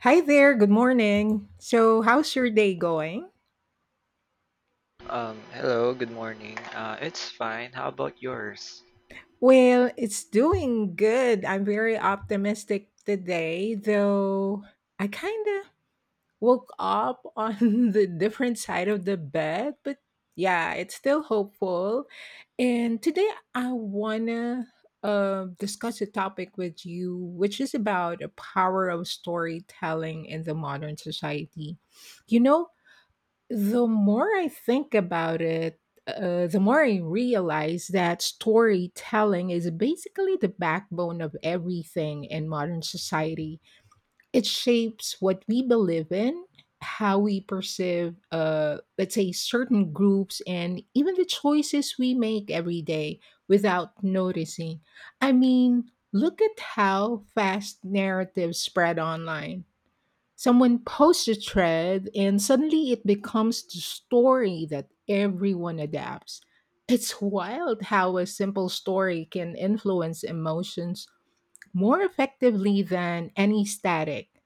Hi there, good morning. So, how's your day going? Hello, good morning. It's fine. How about yours? Well, it's doing good. I'm very optimistic today, though I kind of woke up on the different side of the bed, but yeah, it's still hopeful. And today I want to discuss a topic with you, which is about the power of storytelling in the modern society. You know, The more I think about it, the more I realize that storytelling is basically the backbone of everything in modern society. It shapes what we believe in, how we perceive, let's say, certain groups, and even the choices we make every day without noticing. I mean, look at how fast narratives spread online. Someone posts a thread, and suddenly it becomes the story that everyone adapts. It's wild how a simple story can influence emotions more effectively than any static.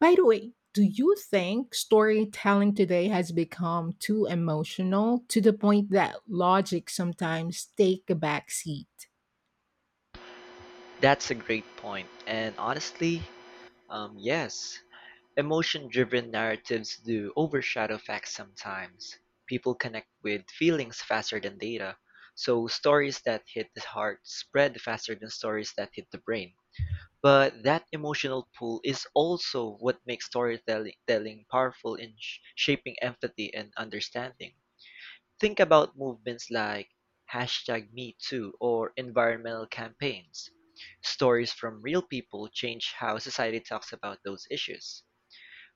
By the way, do you think storytelling today has become too emotional to the point that logic sometimes take a back seat? That's a great point. And honestly, yes, emotion driven narratives do overshadow facts sometimes. People connect with feelings faster than data, so stories that hit the heart spread faster than stories that hit the brain. But that emotional pull is also what makes storytelling telling powerful in shaping empathy and understanding. Think about movements like #MeToo or environmental campaigns. Stories from real people change how society talks about those issues.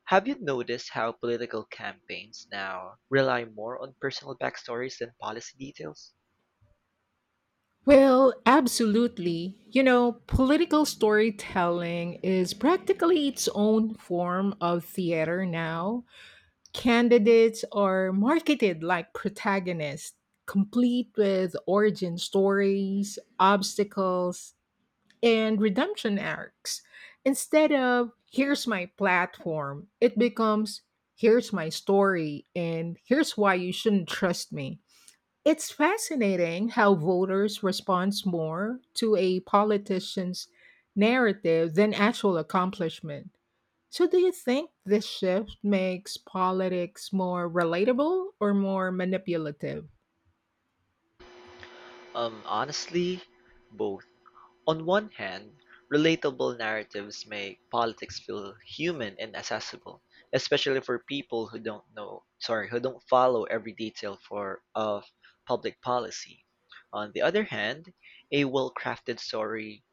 Have you noticed how political campaigns now rely more on personal backstories than policy details? Well, absolutely. You know, political storytelling is practically its own form of theater now. Candidates are marketed like protagonists, complete with origin stories, obstacles, and redemption arcs. Instead of here's my platform, it becomes here's my story and here's why you shouldn't trust me. It's fascinating how voters respond more to a politician's narrative than actual accomplishment. So, do you think this shift makes politics more relatable or more manipulative? Honestly, both. On one hand, relatable narratives make politics feel human and accessible, especially for people who don't know, sorry, who don't follow every detail for of public policy. On the other hand, a well-crafted story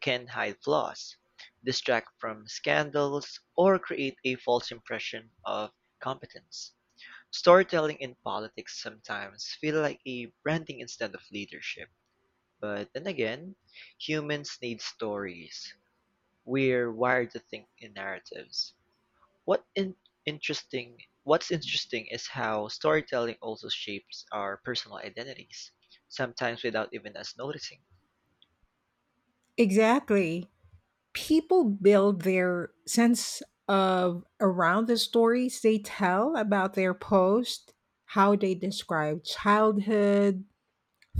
can hide flaws, distract from scandals, or create a false impression of competence. Storytelling in politics sometimes feel like a branding instead of leadership. But then again, humans need stories. We're wired to think in narratives. What in- interesting what's interesting is how storytelling also shapes our personal identities, sometimes without even us noticing. Exactly. People build their sense of around the stories they tell about their post, how they describe childhood,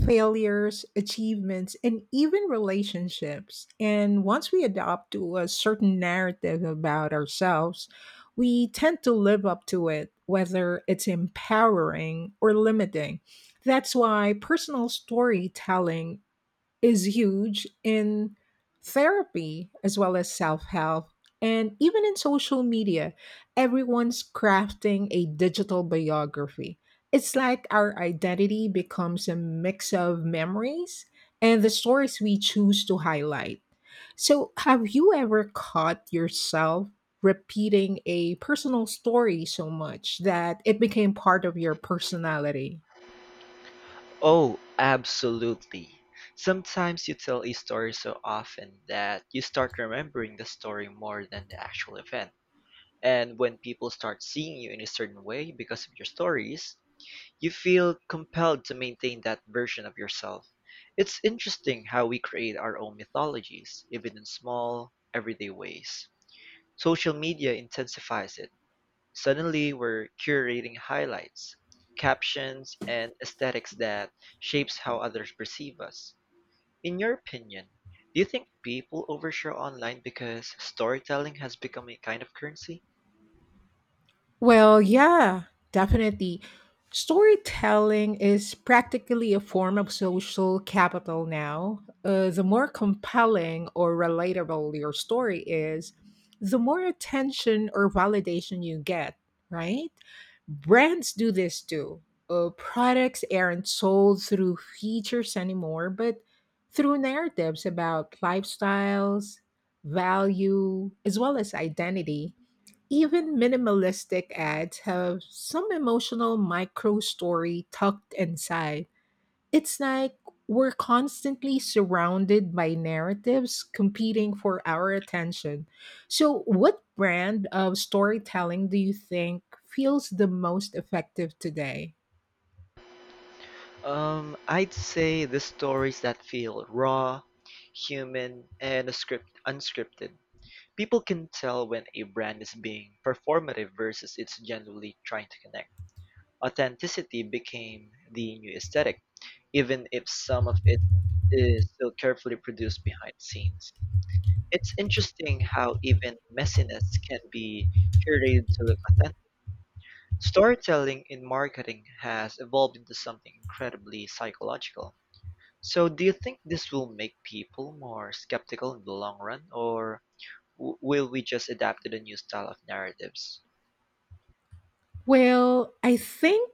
failures, achievements, and even relationships. And once we adopt to a certain narrative about ourselves, we tend to live up to it, whether it's empowering or limiting. That's why personal storytelling is huge in therapy as well as self help. And even in social media, everyone's crafting a digital biography. It's like our identity becomes a mix of memories and the stories we choose to highlight. So, have you ever caught yourself repeating a personal story so much that it became part of your personality? Oh, absolutely. Sometimes you tell a story so often that you start remembering the story more than the actual event. And when people start seeing you in a certain way because of your stories, you feel compelled to maintain that version of yourself. It's interesting how we create our own mythologies, even in small, everyday ways. Social media intensifies it. Suddenly, we're curating highlights, captions, and aesthetics that shapes how others perceive us. In your opinion, do you think people overshare online because storytelling has become a kind of currency? Well, yeah, definitely. Storytelling is practically a form of social capital now. The more compelling or relatable your story is, the more attention or validation you get, right? Brands do this too. Products aren't sold through features anymore, but through narratives about lifestyles, value, as well as identity, even minimalistic ads have some emotional micro story tucked inside. It's like we're constantly surrounded by narratives competing for our attention. So, what brand of storytelling do you think feels the most effective today? I'd say the stories that feel raw, human, and script unscripted. People can tell when a brand is being performative versus it's genuinely trying to connect. Authenticity became the new aesthetic, even if some of it is still carefully produced behind the scenes. It's interesting how even messiness can be curated to look authentic. Storytelling in marketing has evolved into something incredibly psychological. So do you think this will make people more skeptical in the long run, or will we just adapt to the new style of narratives? Well, I think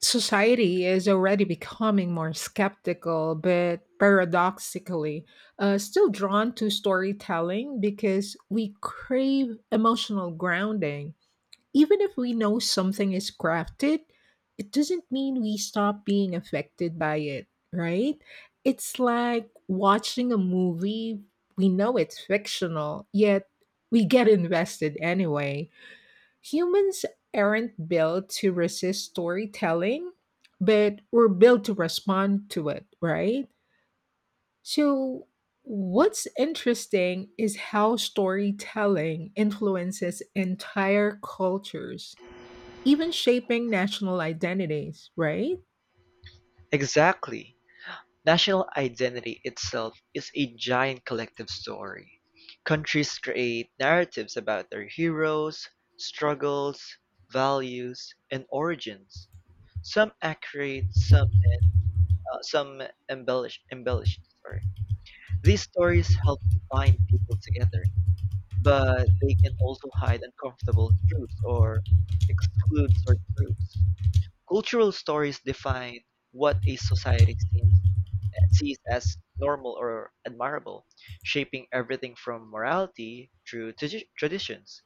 society is already becoming more skeptical, but paradoxically, still drawn to storytelling because we crave emotional grounding. Even if we know something is crafted, it doesn't mean we stop being affected by it, right? It's like watching a movie. We know it's fictional, yet we get invested anyway. Humans aren't built to resist storytelling, but we're built to respond to it, right? So, what's interesting is how storytelling influences entire cultures, even shaping national identities, right? Exactly. National identity itself is a giant collective story. Countries create narratives about their heroes, struggles, values, and origins. Some accurate, some embellished. Embellished. Sorry. These stories help bind people together but they can also hide uncomfortable truths or exclude certain groups. Cultural stories define what a society seems, sees as normal or admirable, shaping everything from morality through traditions.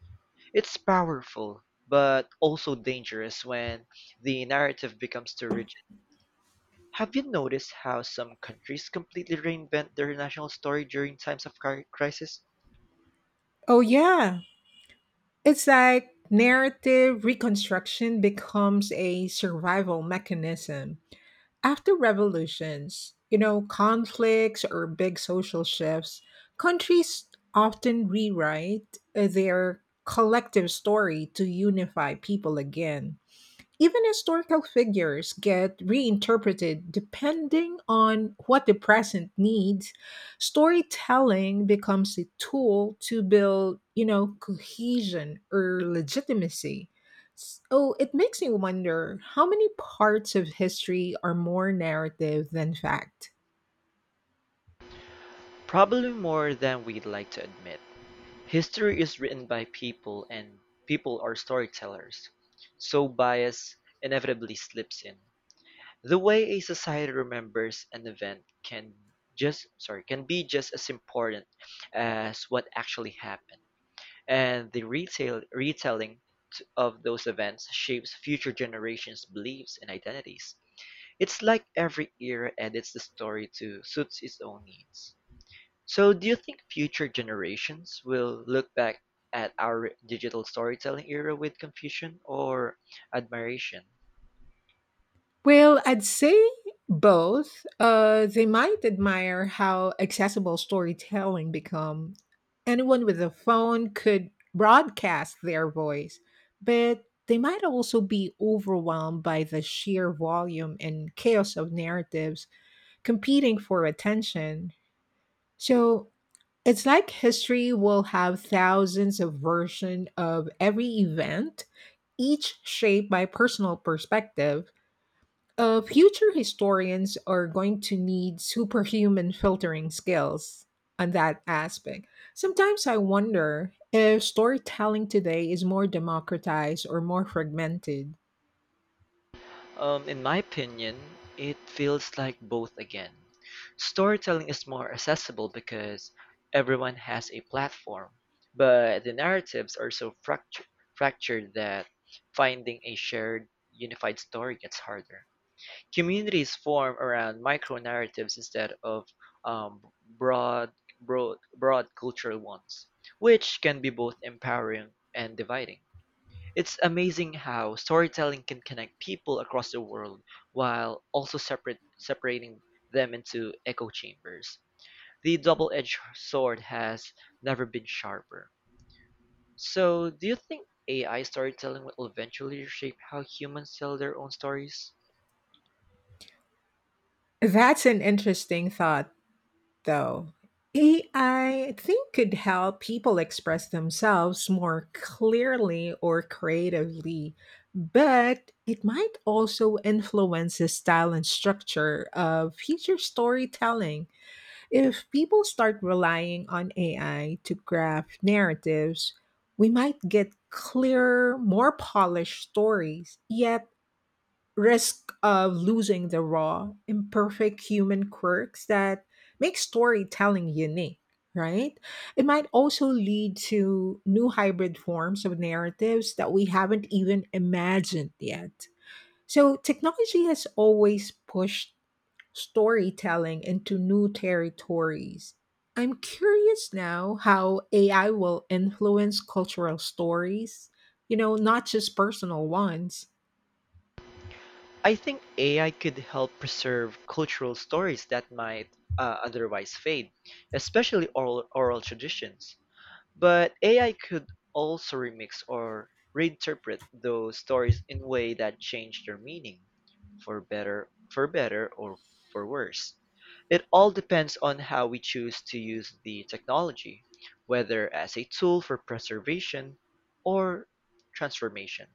It's powerful, but also dangerous when the narrative becomes too rigid. Have you noticed how some countries completely reinvent their national story during times of crisis? Oh, yeah. It's like narrative reconstruction becomes a survival mechanism. After revolutions, you know, conflicts or big social shifts, countries often rewrite their collective story to unify people again. Even historical figures get reinterpreted depending on what the present needs. Storytelling becomes a tool to build, you know, cohesion or legitimacy. So it makes me wonder how many parts of history are more narrative than fact. Probably more than we'd like to admit. History is written by people and people are storytellers, so bias inevitably slips in. The way a society remembers an event can be just as important as what actually happened. And the retail retelling of those events shapes future generations' beliefs and identities. It's like every era edits the story to suit its own needs. So do you think future generations will look back at our digital storytelling era with confusion or admiration? Well, I'd say both. They might admire how accessible storytelling become. Anyone with a phone could broadcast their voice, but they might also be overwhelmed by the sheer volume and chaos of narratives competing for attention. So it's like history will have thousands of versions of every event, each shaped by personal perspective. Future historians are going to need superhuman filtering skills on that aspect. Sometimes I wonder if storytelling today is more democratized or more fragmented. In my opinion, it feels like both again. Storytelling is more accessible because everyone has a platform, but the narratives are so fractured that finding a shared, unified story gets harder. Communities form around micro-narratives instead of um, broad, broad cultural ones, which can be both empowering and dividing. It's amazing how storytelling can connect people across the world while also separating them into echo chambers. The double-edged sword has never been sharper. So, do you think AI storytelling will eventually shape how humans tell their own stories? That's an interesting thought. Though. AI, think, could help people express themselves more clearly or creatively, but it might also influence the style and structure of future storytelling. If people start relying on AI to craft narratives, we might get clearer, more polished stories, yet risk of losing the raw, imperfect human quirks that make storytelling unique, right? It might also lead to new hybrid forms of narratives that we haven't even imagined yet. So, technology has always pushed storytelling into new territories. I'm curious now how AI will influence cultural stories, you know, not just personal ones. I think AI could help preserve cultural stories that might otherwise fade, especially oral traditions. But AI could also remix or reinterpret those stories in a way that change their meaning, for better or for worse. It all depends on how we choose to use the technology, whether as a tool for preservation or transformation.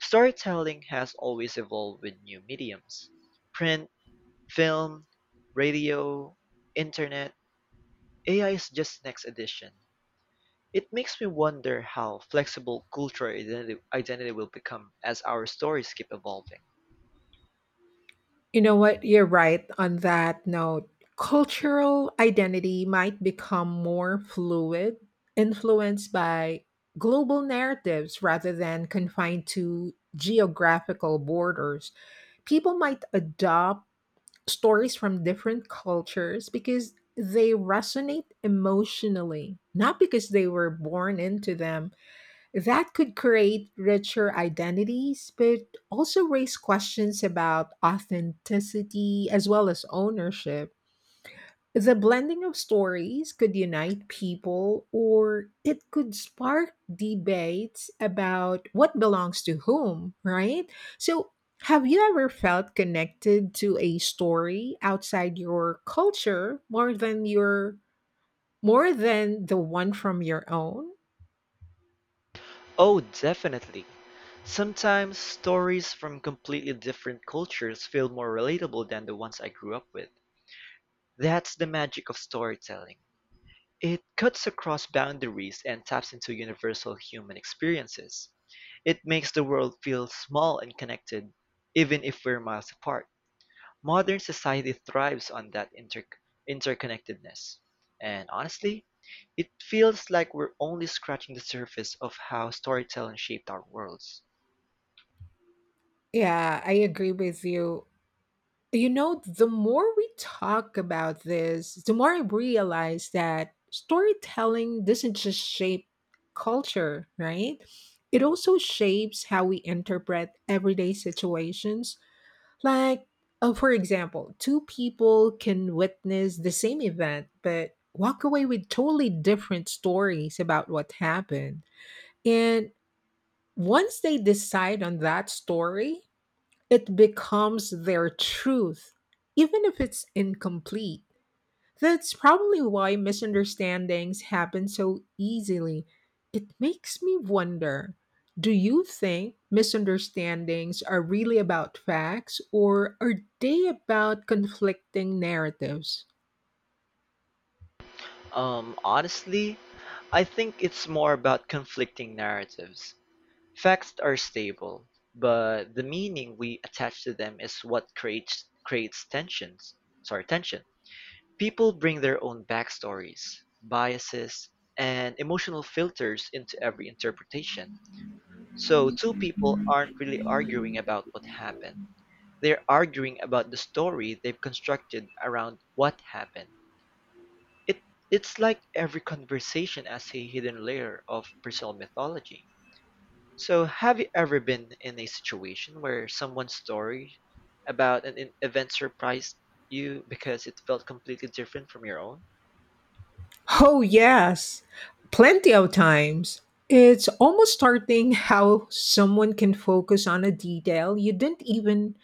Storytelling has always evolved with new mediums: print, film, radio, internet. AI is just next edition. It makes me wonder how flexible cultural identity will become as our stories keep evolving. You know what? You're right on that note. Cultural identity might become more fluid, influenced by global narratives rather than confined to geographical borders. People might adopt stories from different cultures because they resonate emotionally, not because they were born into them. That could create richer identities, but also raise questions about authenticity as well as ownership. The blending of stories could unite people, or it could spark debates about what belongs to whom, right? So, have you ever felt connected to a story outside your culture more than the one from your own? Oh, definitely. Sometimes stories from completely different cultures feel more relatable than the ones I grew up with. That's the magic of storytelling. It cuts across boundaries and taps into universal human experiences. It makes the world feel small and connected, even if we're miles apart. Modern society thrives on that interconnectedness. And honestly, it feels like we're only scratching the surface of how storytelling shaped our worlds. Yeah, I agree with you. You know, the more we talk about this, the more I realize that storytelling doesn't just shape culture, right? It also shapes how we interpret everyday situations. Like, for example, two people can witness the same event but walk away with totally different stories about what happened. And once they decide on that story, it becomes their truth, even if it's incomplete. That's probably why misunderstandings happen so easily. It makes me wonder, do you think misunderstandings are really about facts or are they about conflicting narratives? Honestly, I think it's more about conflicting narratives. Facts are stable, but the meaning we attach to them is what creates tensions. Sorry, tension. People bring their own backstories, biases, and emotional filters into every interpretation. So two people aren't really arguing about what happened. They're arguing about the story they've constructed around what happened. It it's like every conversation has a hidden layer of personal mythology. So, have you ever been in a situation where someone's story about event surprised you because it felt completely different from your own? Oh, yes, plenty of times. It's almost starting how someone can focus on a detail you didn't even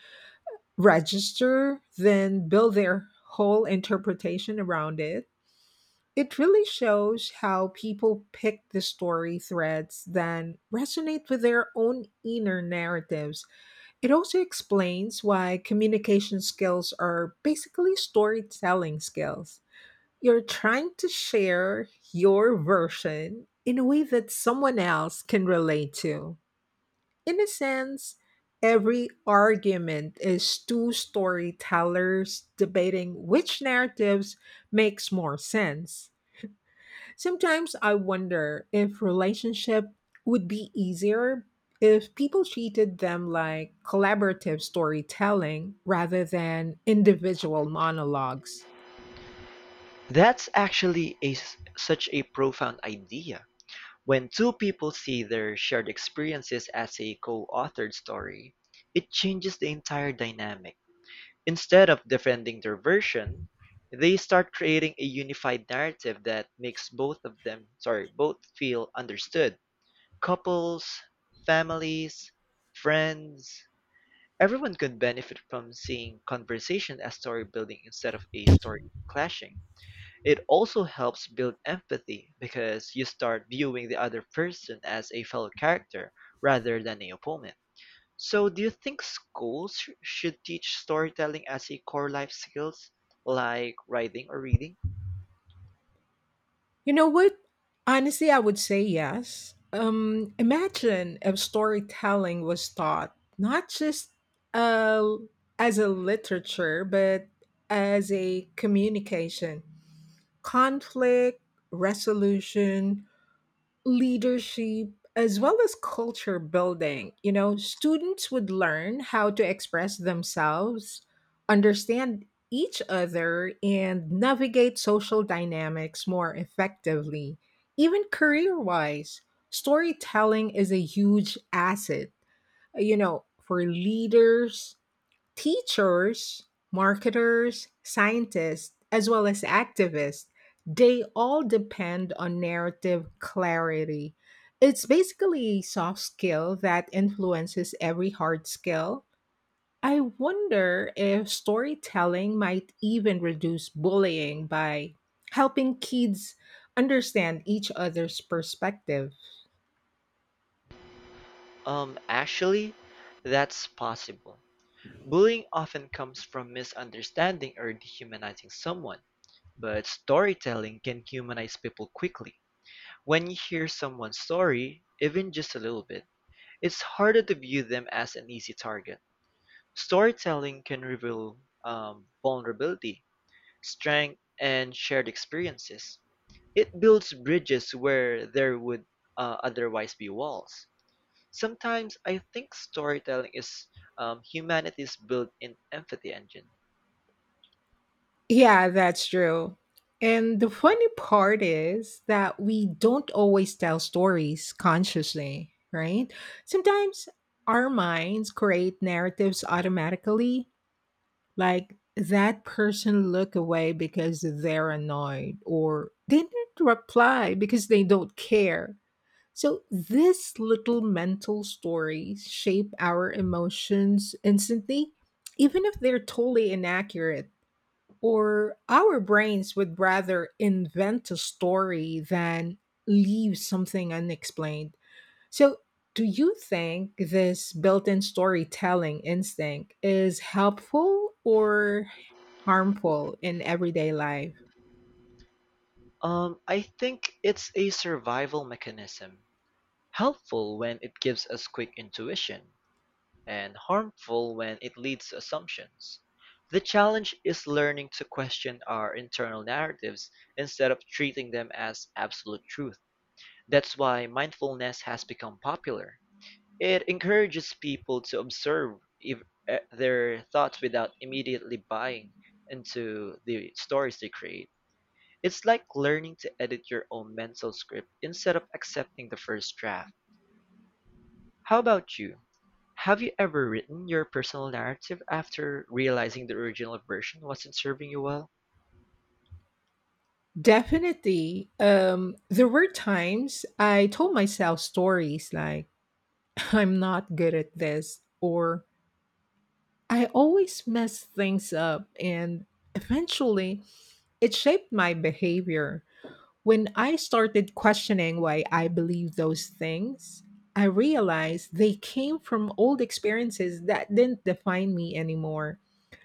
register, then build their whole interpretation around it. It really shows how people pick the story threads that resonate with their own inner narratives. It also explains why communication skills are basically storytelling skills. You're trying to share your version in a way that someone else can relate to. In a sense, every argument is two storytellers debating which narratives makes more sense. Sometimes I wonder if relationship would be easier if people treated them like collaborative storytelling rather than individual monologues. That's actually such a profound idea. When two people see their shared experiences as a co-authored story, it changes the entire dynamic. Instead of defending their version, they start creating a unified narrative that makes both of them, sorry, both feel understood. Couples, families, friends, everyone can benefit from seeing conversation as story building instead of a story clashing. It also helps build empathy because you start viewing the other person as a fellow character rather than an opponent. So, do you think schools should teach storytelling as a core life skills like writing or reading? You know what? Honestly, I would say yes. Imagine if storytelling was taught not just uh, as a literature, but as a communication, conflict resolution, leadership as well as culture building. You know, students would learn how to express themselves, understand each other, and navigate social dynamics more effectively. Even career wise, storytelling is a huge asset, you know, for leaders, teachers, marketers, scientists, as well as activists, they all depend on narrative clarity. It's basically a soft skill that influences every hard skill. I wonder if storytelling might even reduce bullying by helping kids understand each other's perspective. Actually, that's possible. Bullying often comes from misunderstanding or dehumanizing someone, but storytelling can humanize people quickly. When you hear someone's story, even just a little bit, it's harder to view them as an easy target. Storytelling can reveal vulnerability, strength, and shared experiences. It builds bridges where there would otherwise be walls. Sometimes I think storytelling is humanity's built-in empathy engine. Yeah, that's true. And the funny part is that we don't always tell stories consciously, right? Sometimes our minds create narratives automatically, like that person look away because they're annoyed or they didn't reply because they don't care. So these little mental stories shape our emotions instantly, even if they're totally inaccurate. Or our brains would rather invent a story than leave something unexplained. So, do you think this built in storytelling instinct is helpful or harmful in everyday life? I think it's a survival mechanism, helpful when it gives us quick intuition, and harmful when it leads to assumptions. The challenge is learning to question our internal narratives instead of treating them as absolute truth. That's why mindfulness has become popular. It encourages people to observe if, eh, their thoughts without immediately buying into the stories they create. It's like learning to edit your own mental script instead of accepting the first draft. How about you? Have you ever written your personal narrative after realizing the original version wasn't serving you well? Definitely. There were times I told myself stories like, I'm not good at this, or I always mess things up. And eventually, it shaped my behavior. When I started questioning why I believed those things, I realized they came from old experiences that didn't define me anymore.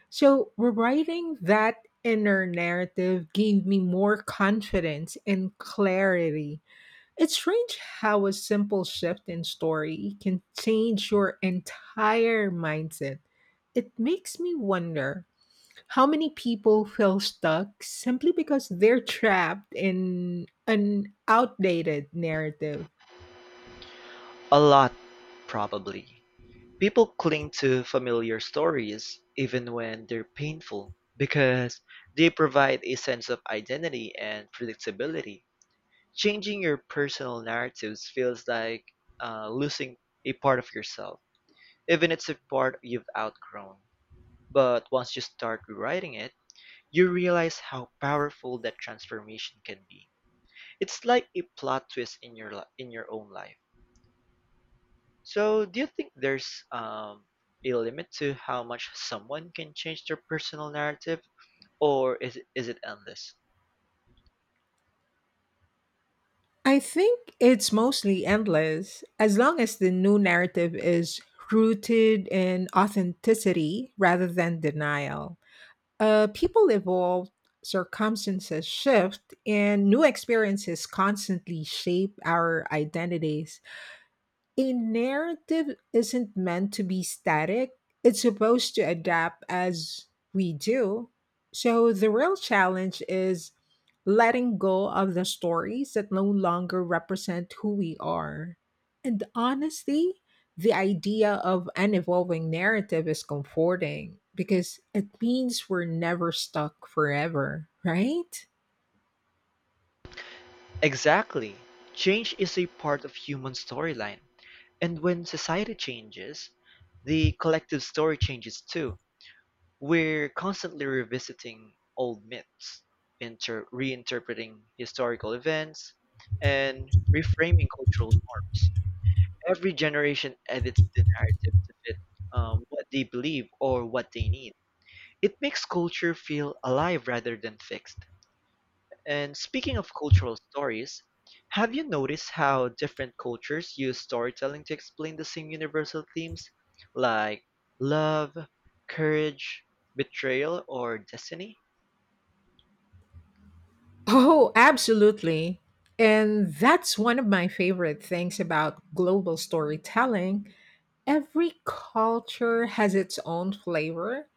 So, rewriting that inner narrative gave me more confidence and clarity. It's strange how a simple shift in story can change your entire mindset. It makes me wonder how many people feel stuck simply because they're trapped in an outdated narrative? A lot, probably. People cling to familiar stories, even when they're painful, because they provide a sense of identity and predictability. Changing your personal narratives feels like losing a part of yourself, even if it's a part you've outgrown. But once you start rewriting it, you realize how powerful that transformation can be. It's like a plot twist in in your own life. So, do you think there's a limit to how much someone can change their personal narrative, or is it endless? I think it's mostly endless as long as the new narrative is rooted in authenticity rather than denial. People evolve, circumstances shift, and new experiences constantly shape our identities. A narrative isn't meant to be static, it's supposed to adapt as we do. So, the real challenge is letting go of the stories that no longer represent who we are. And honestly, the idea of an evolving narrative is comforting because it means we're never stuck forever, right? Exactly. Change is a part of human storyline, and when society changes, the collective story changes too. We're constantly revisiting old myths, reinterpreting historical events, and reframing cultural norms. Every generation edits the narrative to fit what they believe or what they need. It makes culture feel alive rather than fixed. And speaking of cultural stories, have you noticed how different cultures use storytelling to explain the same universal themes like love, courage, betrayal, or destiny? Oh, absolutely. And that's one of my favorite things about global storytelling. Every culture has its own flavor,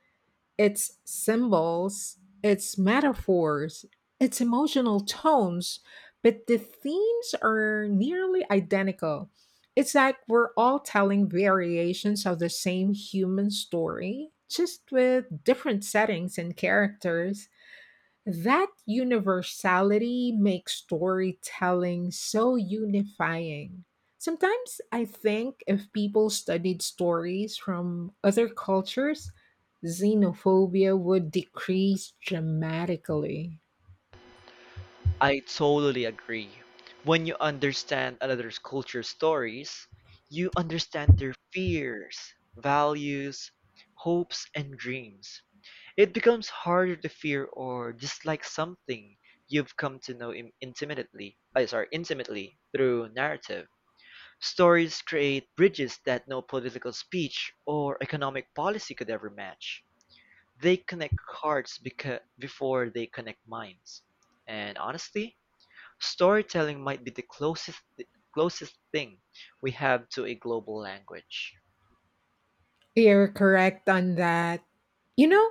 its symbols, its metaphors, its emotional tones, but the themes are nearly identical. It's like we're all telling variations of the same human story, just with different settings and characters. That universality makes storytelling so unifying. Sometimes I think if people studied stories from other cultures, xenophobia would decrease dramatically. I totally agree. When you understand another's culture, stories, you understand their fears, values, hopes, and dreams. It becomes harder to fear or dislike something you've come to know intimately through narrative. Stories create bridges that no political speech or economic policy could ever match. They connect hearts before they connect minds. And honestly, storytelling might be the closest thing we have to a global language. You're correct on that. You know,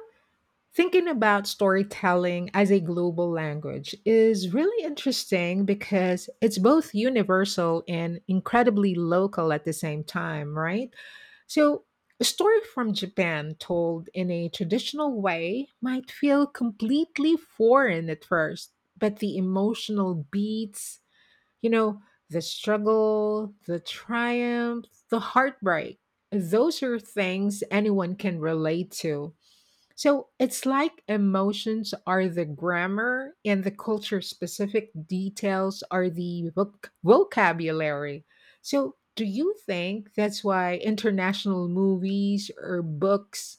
thinking about storytelling as a global language is really interesting because it's both universal and incredibly local at the same time, right? So, a story from Japan told in a traditional way might feel completely foreign at first, but the emotional beats, you know, the struggle, the triumph, the heartbreak, those are things anyone can relate to. So it's like emotions are the grammar and the culture specific details are the vocabulary. So do you think that's why international movies or books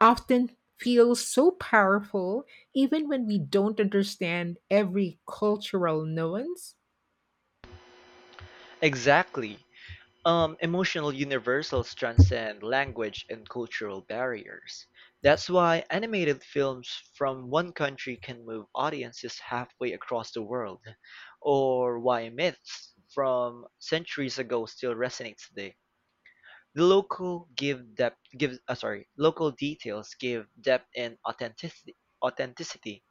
often feel so powerful even when we don't understand every cultural nuance? Exactly. Emotional universals transcend language and cultural barriers. That's why animated films from one country can move audiences halfway across the world, or why myths from centuries ago still resonate today. The local details give depth and authenticity,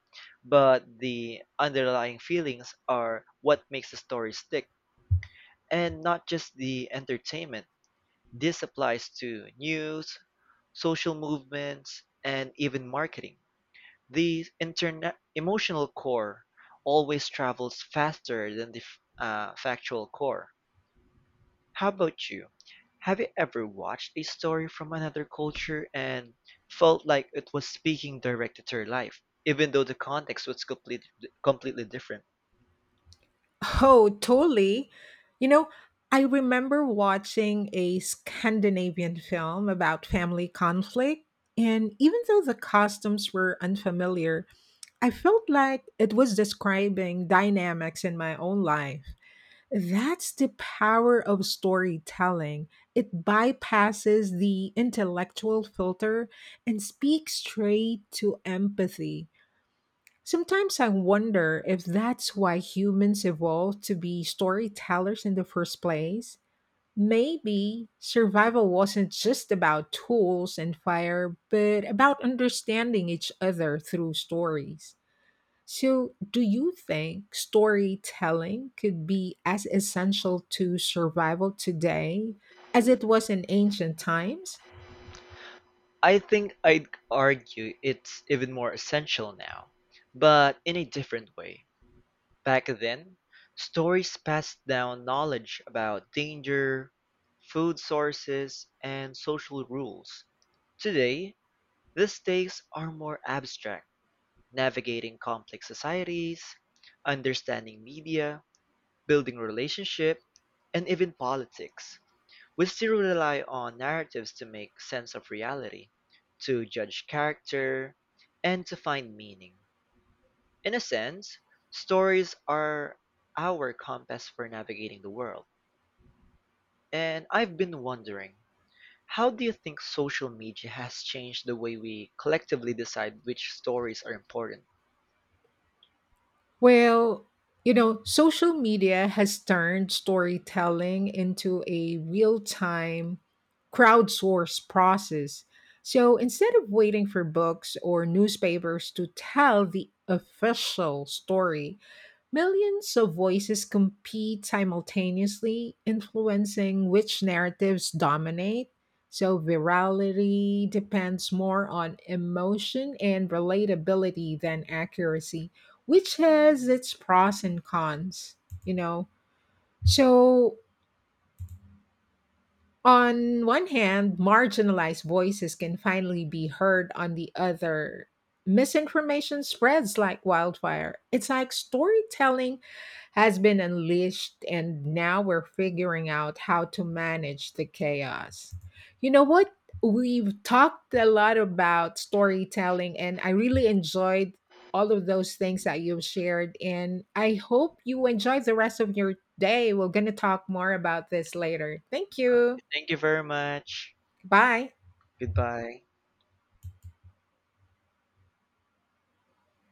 but the underlying feelings are what makes the story stick, and not just the entertainment. This applies to news, social movements, and even marketing. The internet emotional core always travels faster than the factual core. How about you? Have you ever watched a story from another culture and felt like it was speaking directly to your life, even though the context was completely different? Oh, totally. You know, I remember watching a Scandinavian film about family conflict, and even though the costumes were unfamiliar, I felt like it was describing dynamics in my own life. That's the power of storytelling. It bypasses the intellectual filter and speaks straight to empathy. Sometimes I wonder if that's why humans evolved to be storytellers in the first place. Maybe survival wasn't just about tools and fire, but about understanding each other through stories. So, do you think storytelling could be as essential to survival today as it was in ancient times? I think I'd argue it's even more essential now, but in a different way. Back then, stories passed down knowledge about danger, food sources, and social rules. Today, the stakes are more abstract, navigating complex societies, understanding media, building relationship, and even politics. We still rely on narratives to make sense of reality, to judge character, and to find meaning. In a sense, stories are our compass for navigating the world. And I've been wondering, how do you think social media has changed the way we collectively decide which stories are important? Well, you know, social media has turned storytelling into a real time crowdsourced process. So instead of waiting for books or newspapers to tell the official story, millions of voices compete simultaneously, influencing which narratives dominate. So virality depends more on emotion and relatability than accuracy, which has its pros and cons, you know. So on one hand, marginalized voices can finally be heard. On the other, misinformation spreads like wildfire. It's like storytelling has been unleashed, and now we're figuring out how to manage the chaos. You know what? We've talked a lot about storytelling, and I really enjoyed all of those things that you've shared. And I hope you enjoy the rest of your day. We're going to talk more about this later. Thank you. Thank you very much. Bye. Goodbye.